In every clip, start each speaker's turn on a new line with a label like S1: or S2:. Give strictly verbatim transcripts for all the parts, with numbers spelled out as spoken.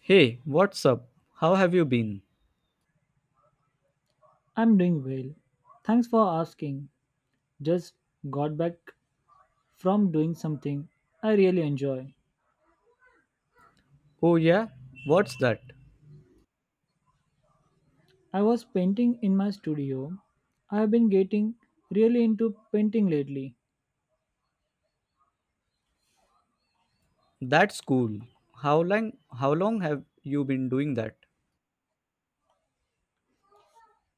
S1: Hey, what's up? How have you been?
S2: I'm doing well. Thanks for asking. Just got back from doing something I really enjoy.
S1: Oh yeah, what's that?
S2: I was painting in my studio. I've been getting really into painting lately,
S1: That's cool. How long how long have you been doing that?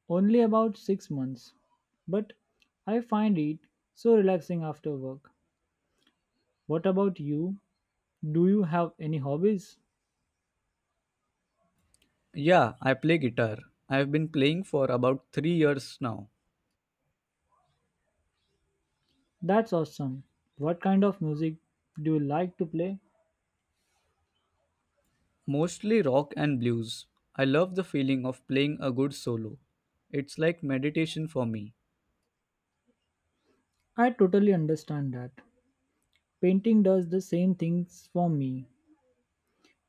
S2: only about six months. But I find it so relaxing after work. What about you? Do you have any hobbies?
S1: Yeah, I play guitar. I've been playing for about three years now.
S2: That's awesome. What kind of music do you like to play?
S1: Mostly rock and blues. I love the feeling of playing a good solo. It's like meditation for me.
S2: I totally understand that. Painting does the same things for me.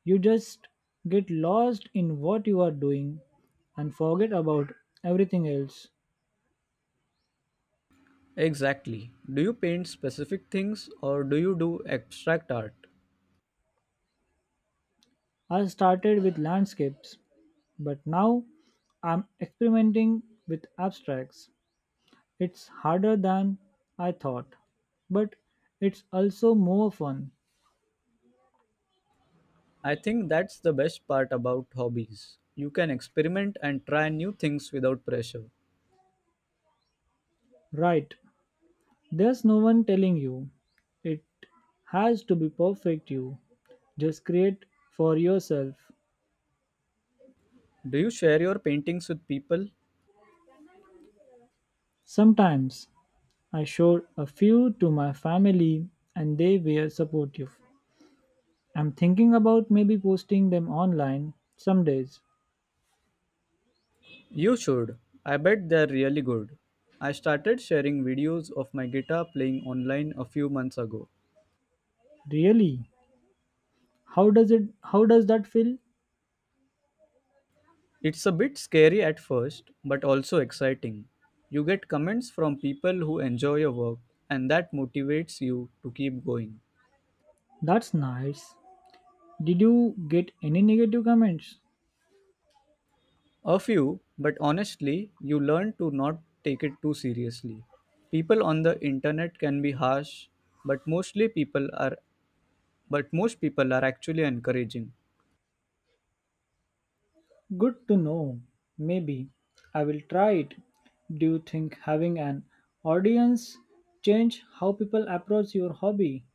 S2: You just get lost in what you are doing and forget about everything else.
S1: Exactly. Do you paint specific things or do you do abstract art?
S2: I started with landscapes, but now I'm experimenting with abstracts. It's harder than I thought, but it's also more fun.
S1: I think that's the best part about hobbies. You can experiment and try new things without pressure.
S2: Right, there's no one telling you. It has to be perfect, you just create for yourself.
S1: Do you share your paintings with people?
S2: Sometimes I showed a few to my family and they were supportive. I'm thinking about maybe posting them online some days.
S1: You should. I bet they're really good. I started sharing videos of my guitar playing online a few months ago.
S2: Really? How does it how does that feel?
S1: It's a bit scary at first, but also exciting. You get comments from people who enjoy your work, and that motivates you to keep going.
S2: That's nice. Did you get any negative comments?
S1: A few, but honestly, you learn to not take it too seriously. People on the internet can be harsh, but mostly people are but most people are actually encouraging.
S2: Good to know. Maybe I will try it. Do you think having an audience change how people approach your hobby?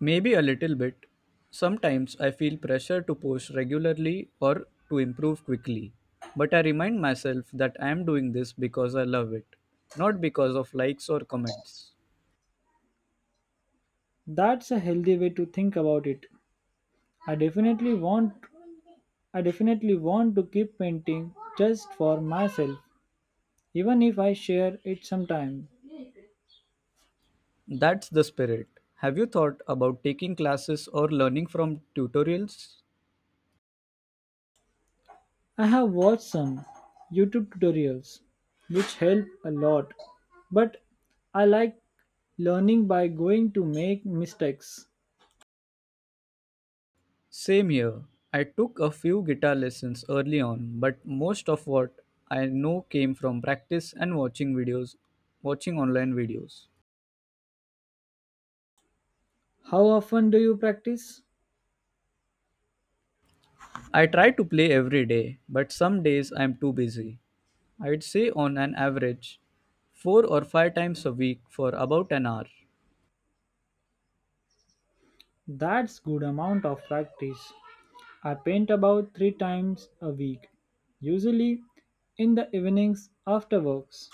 S1: Maybe a little bit. Sometimes I feel pressure to post regularly or to improve quickly. But I remind myself that I am doing this because I love it, not because of likes or comments.
S2: That's a healthy way to think about it. I definitely want I definitely want to keep painting just for myself, even if I share it sometime.
S1: That's the spirit. Have you thought about taking classes or learning from tutorials?
S2: I have watched some YouTube tutorials which help a lot, but I like learning by going to make mistakes.
S1: Same here. I took a few guitar lessons early on, but most of what I know came from practice and watching videos, watching online videos.
S2: How often do you practice?
S1: I try to play every day, but some days I'm too busy. I'd say on an average, four or five times a week for about an hour.
S2: That's good amount of practice. I paint about three times a week, usually in the evenings after works.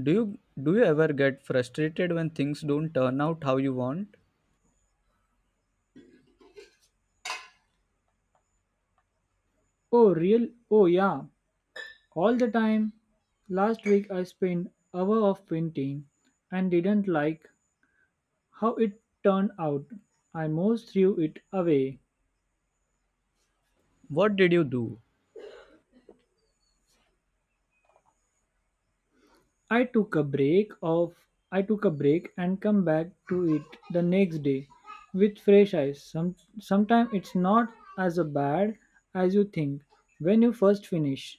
S1: Do you do you ever get frustrated when things don't turn out how you want?
S2: Oh real oh yeah, all the time. Last week I spent hour of painting and didn't like how it turned out. I most threw it away.
S1: What did you do?
S2: I took a break of I took a break and come back to it the next day with fresh eyes. Some sometimes it's not as bad as you think when you first finish.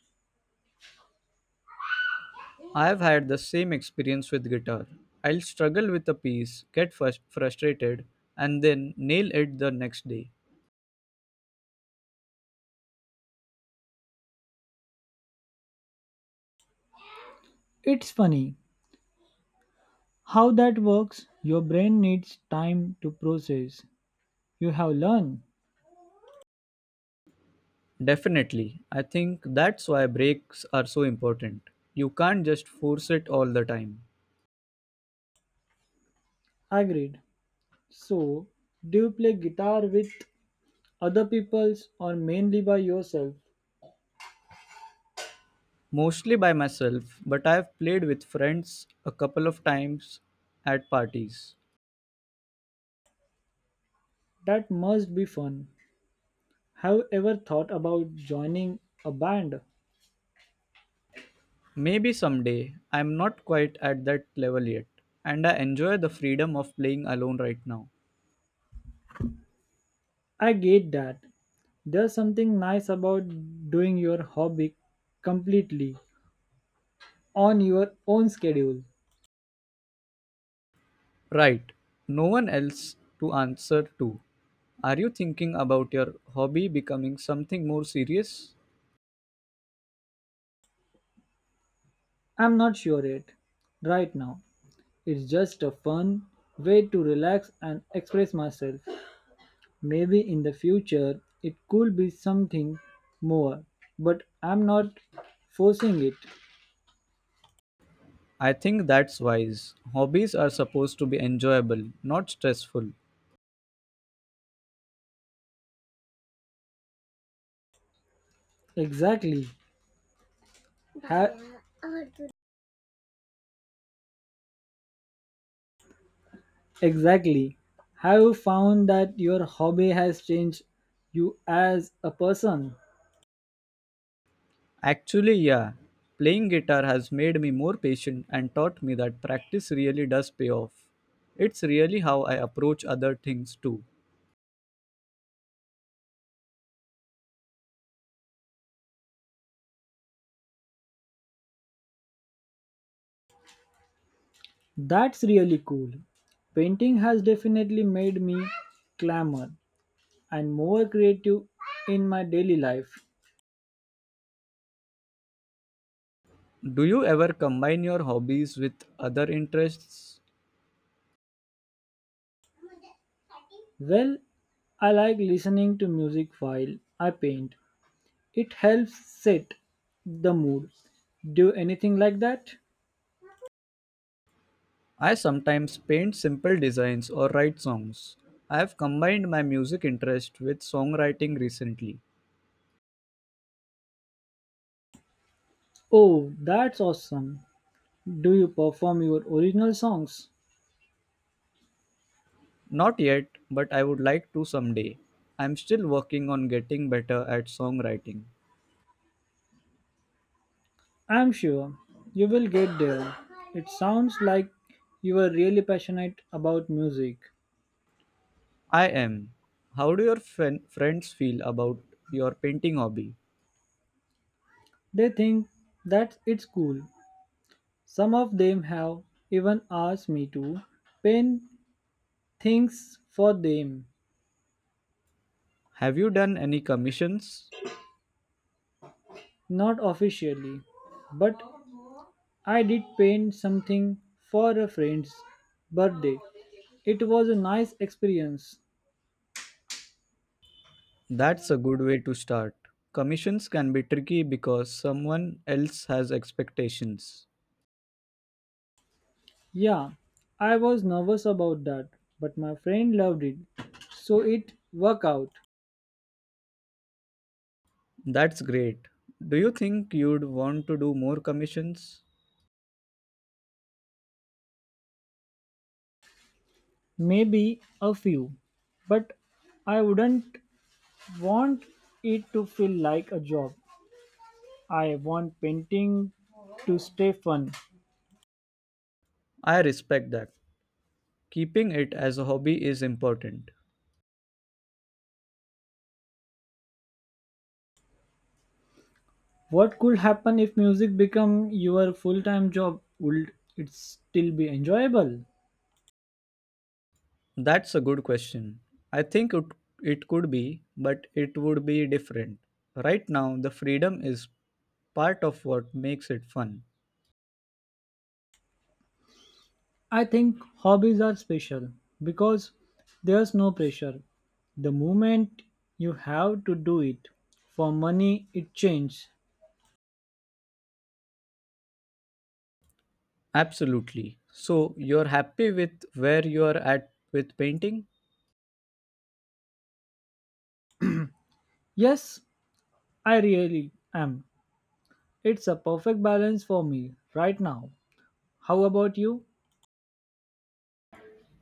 S1: I have had the same experience with guitar. I'll struggle with a piece, get frus- frustrated, and then nail it the next day.
S2: It's funny how that works. Your brain needs time to process. You have learned.
S1: Definitely. I think that's why breaks are so important. You can't just force it all the time.
S2: Agreed. So, do you play guitar with other peoples or mainly by yourself?
S1: Mostly by myself, but I've played with friends a couple of times at parties.
S2: That must be fun. Have you ever thought about joining a band?
S1: Maybe someday, I'm not quite at that level yet, and I enjoy the freedom of playing alone right now.
S2: I get that. There's something nice about doing your hobby completely on your own schedule.
S1: Right, no one else to answer to. Are you thinking about your hobby becoming something more serious?
S2: I'm not sure yet. Right now, it's just a fun way to relax and express myself. Maybe in the future it could be something more, but I'm not forcing it.
S1: I think that's wise. Hobbies are supposed to be enjoyable, not stressful.
S2: Exactly. Ha- exactly. Have you found that your hobby has changed you as a person?
S1: Actually, yeah, playing guitar has made me more patient and taught me that practice really does pay off. It's really how I approach other things too.
S2: That's really cool. Painting has definitely made me calmer and more creative in my daily life.
S1: Do you ever combine your hobbies with other interests?
S2: Well, I like listening to music while I paint. It helps set the mood. Do anything like that?
S1: I sometimes paint simple designs or write songs. I have combined my music interest with songwriting recently.
S2: Oh, that's awesome. Do you perform your original songs?
S1: Not yet, but I would like to someday. I'm still working on getting better at songwriting.
S2: I'm sure you will get there. It sounds like you are really passionate about music.
S1: I am. How do your fen- friends feel about your painting hobby?
S2: They think that it's cool. Some of them have even asked me to paint things for them,
S1: Have you done any commissions?
S2: not officially, but I did paint something for a friend's birthday. It was a nice experience.
S1: That's a good way to start. Commissions can be tricky because someone else has expectations.
S2: Yeah, I was nervous about that, but my friend loved it, so it worked out.
S1: That's great. Do you think you'd want to do more commissions?
S2: Maybe a few, but I wouldn't want it to feel like a job. I want painting to stay fun.
S1: I respect that. Keeping it as a hobby is important.
S2: What could happen if music become your full-time job? Would it still be enjoyable?
S1: That's a good question. I think it, it could be, but it would be different. Right now, the freedom is part of what makes it fun.
S2: I think hobbies are special because there's no pressure. The moment you have to do it for money, it changes.
S1: Absolutely. So, you're happy with where you're at with painting?
S2: Yes, I really am. It's a perfect balance for me right now. How about you?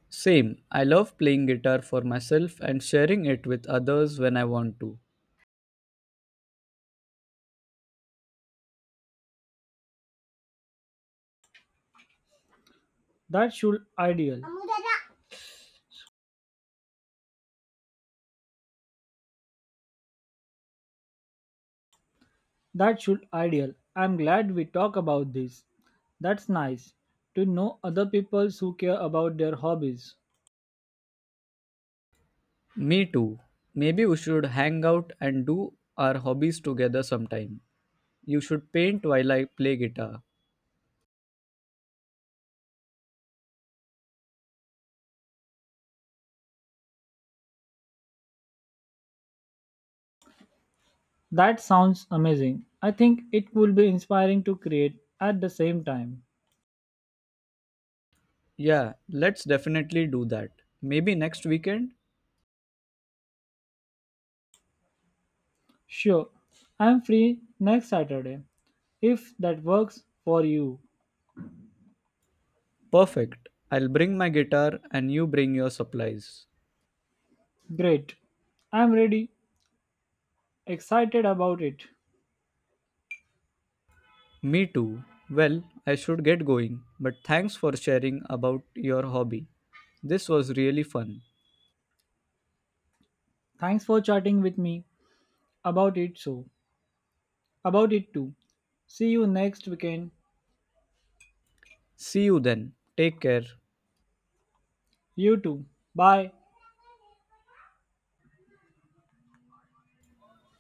S1: Same. I love playing guitar for myself and sharing it with others when I want to.
S2: That should ideal. That should ideal. I'm glad we talk about this. That's nice to know other people who care about their hobbies.
S1: Me too. Maybe we should hang out and do our hobbies together sometime. You should paint while I play guitar.
S2: That sounds amazing. I think it will be inspiring to create at the same time.
S1: Yeah, let's definitely do that. Maybe next weekend?
S2: Sure, I'm free next Saturday. If that works for you,
S1: Perfect. I'll bring my guitar and you bring your supplies.
S2: great. I'm ready, excited about it.
S1: Me too. Well, I should get going, but thanks for sharing about your hobby. This was really fun.
S2: Thanks for chatting with me about it so, about it too. See you next weekend.
S1: See you then. Take care.
S2: You too. Bye.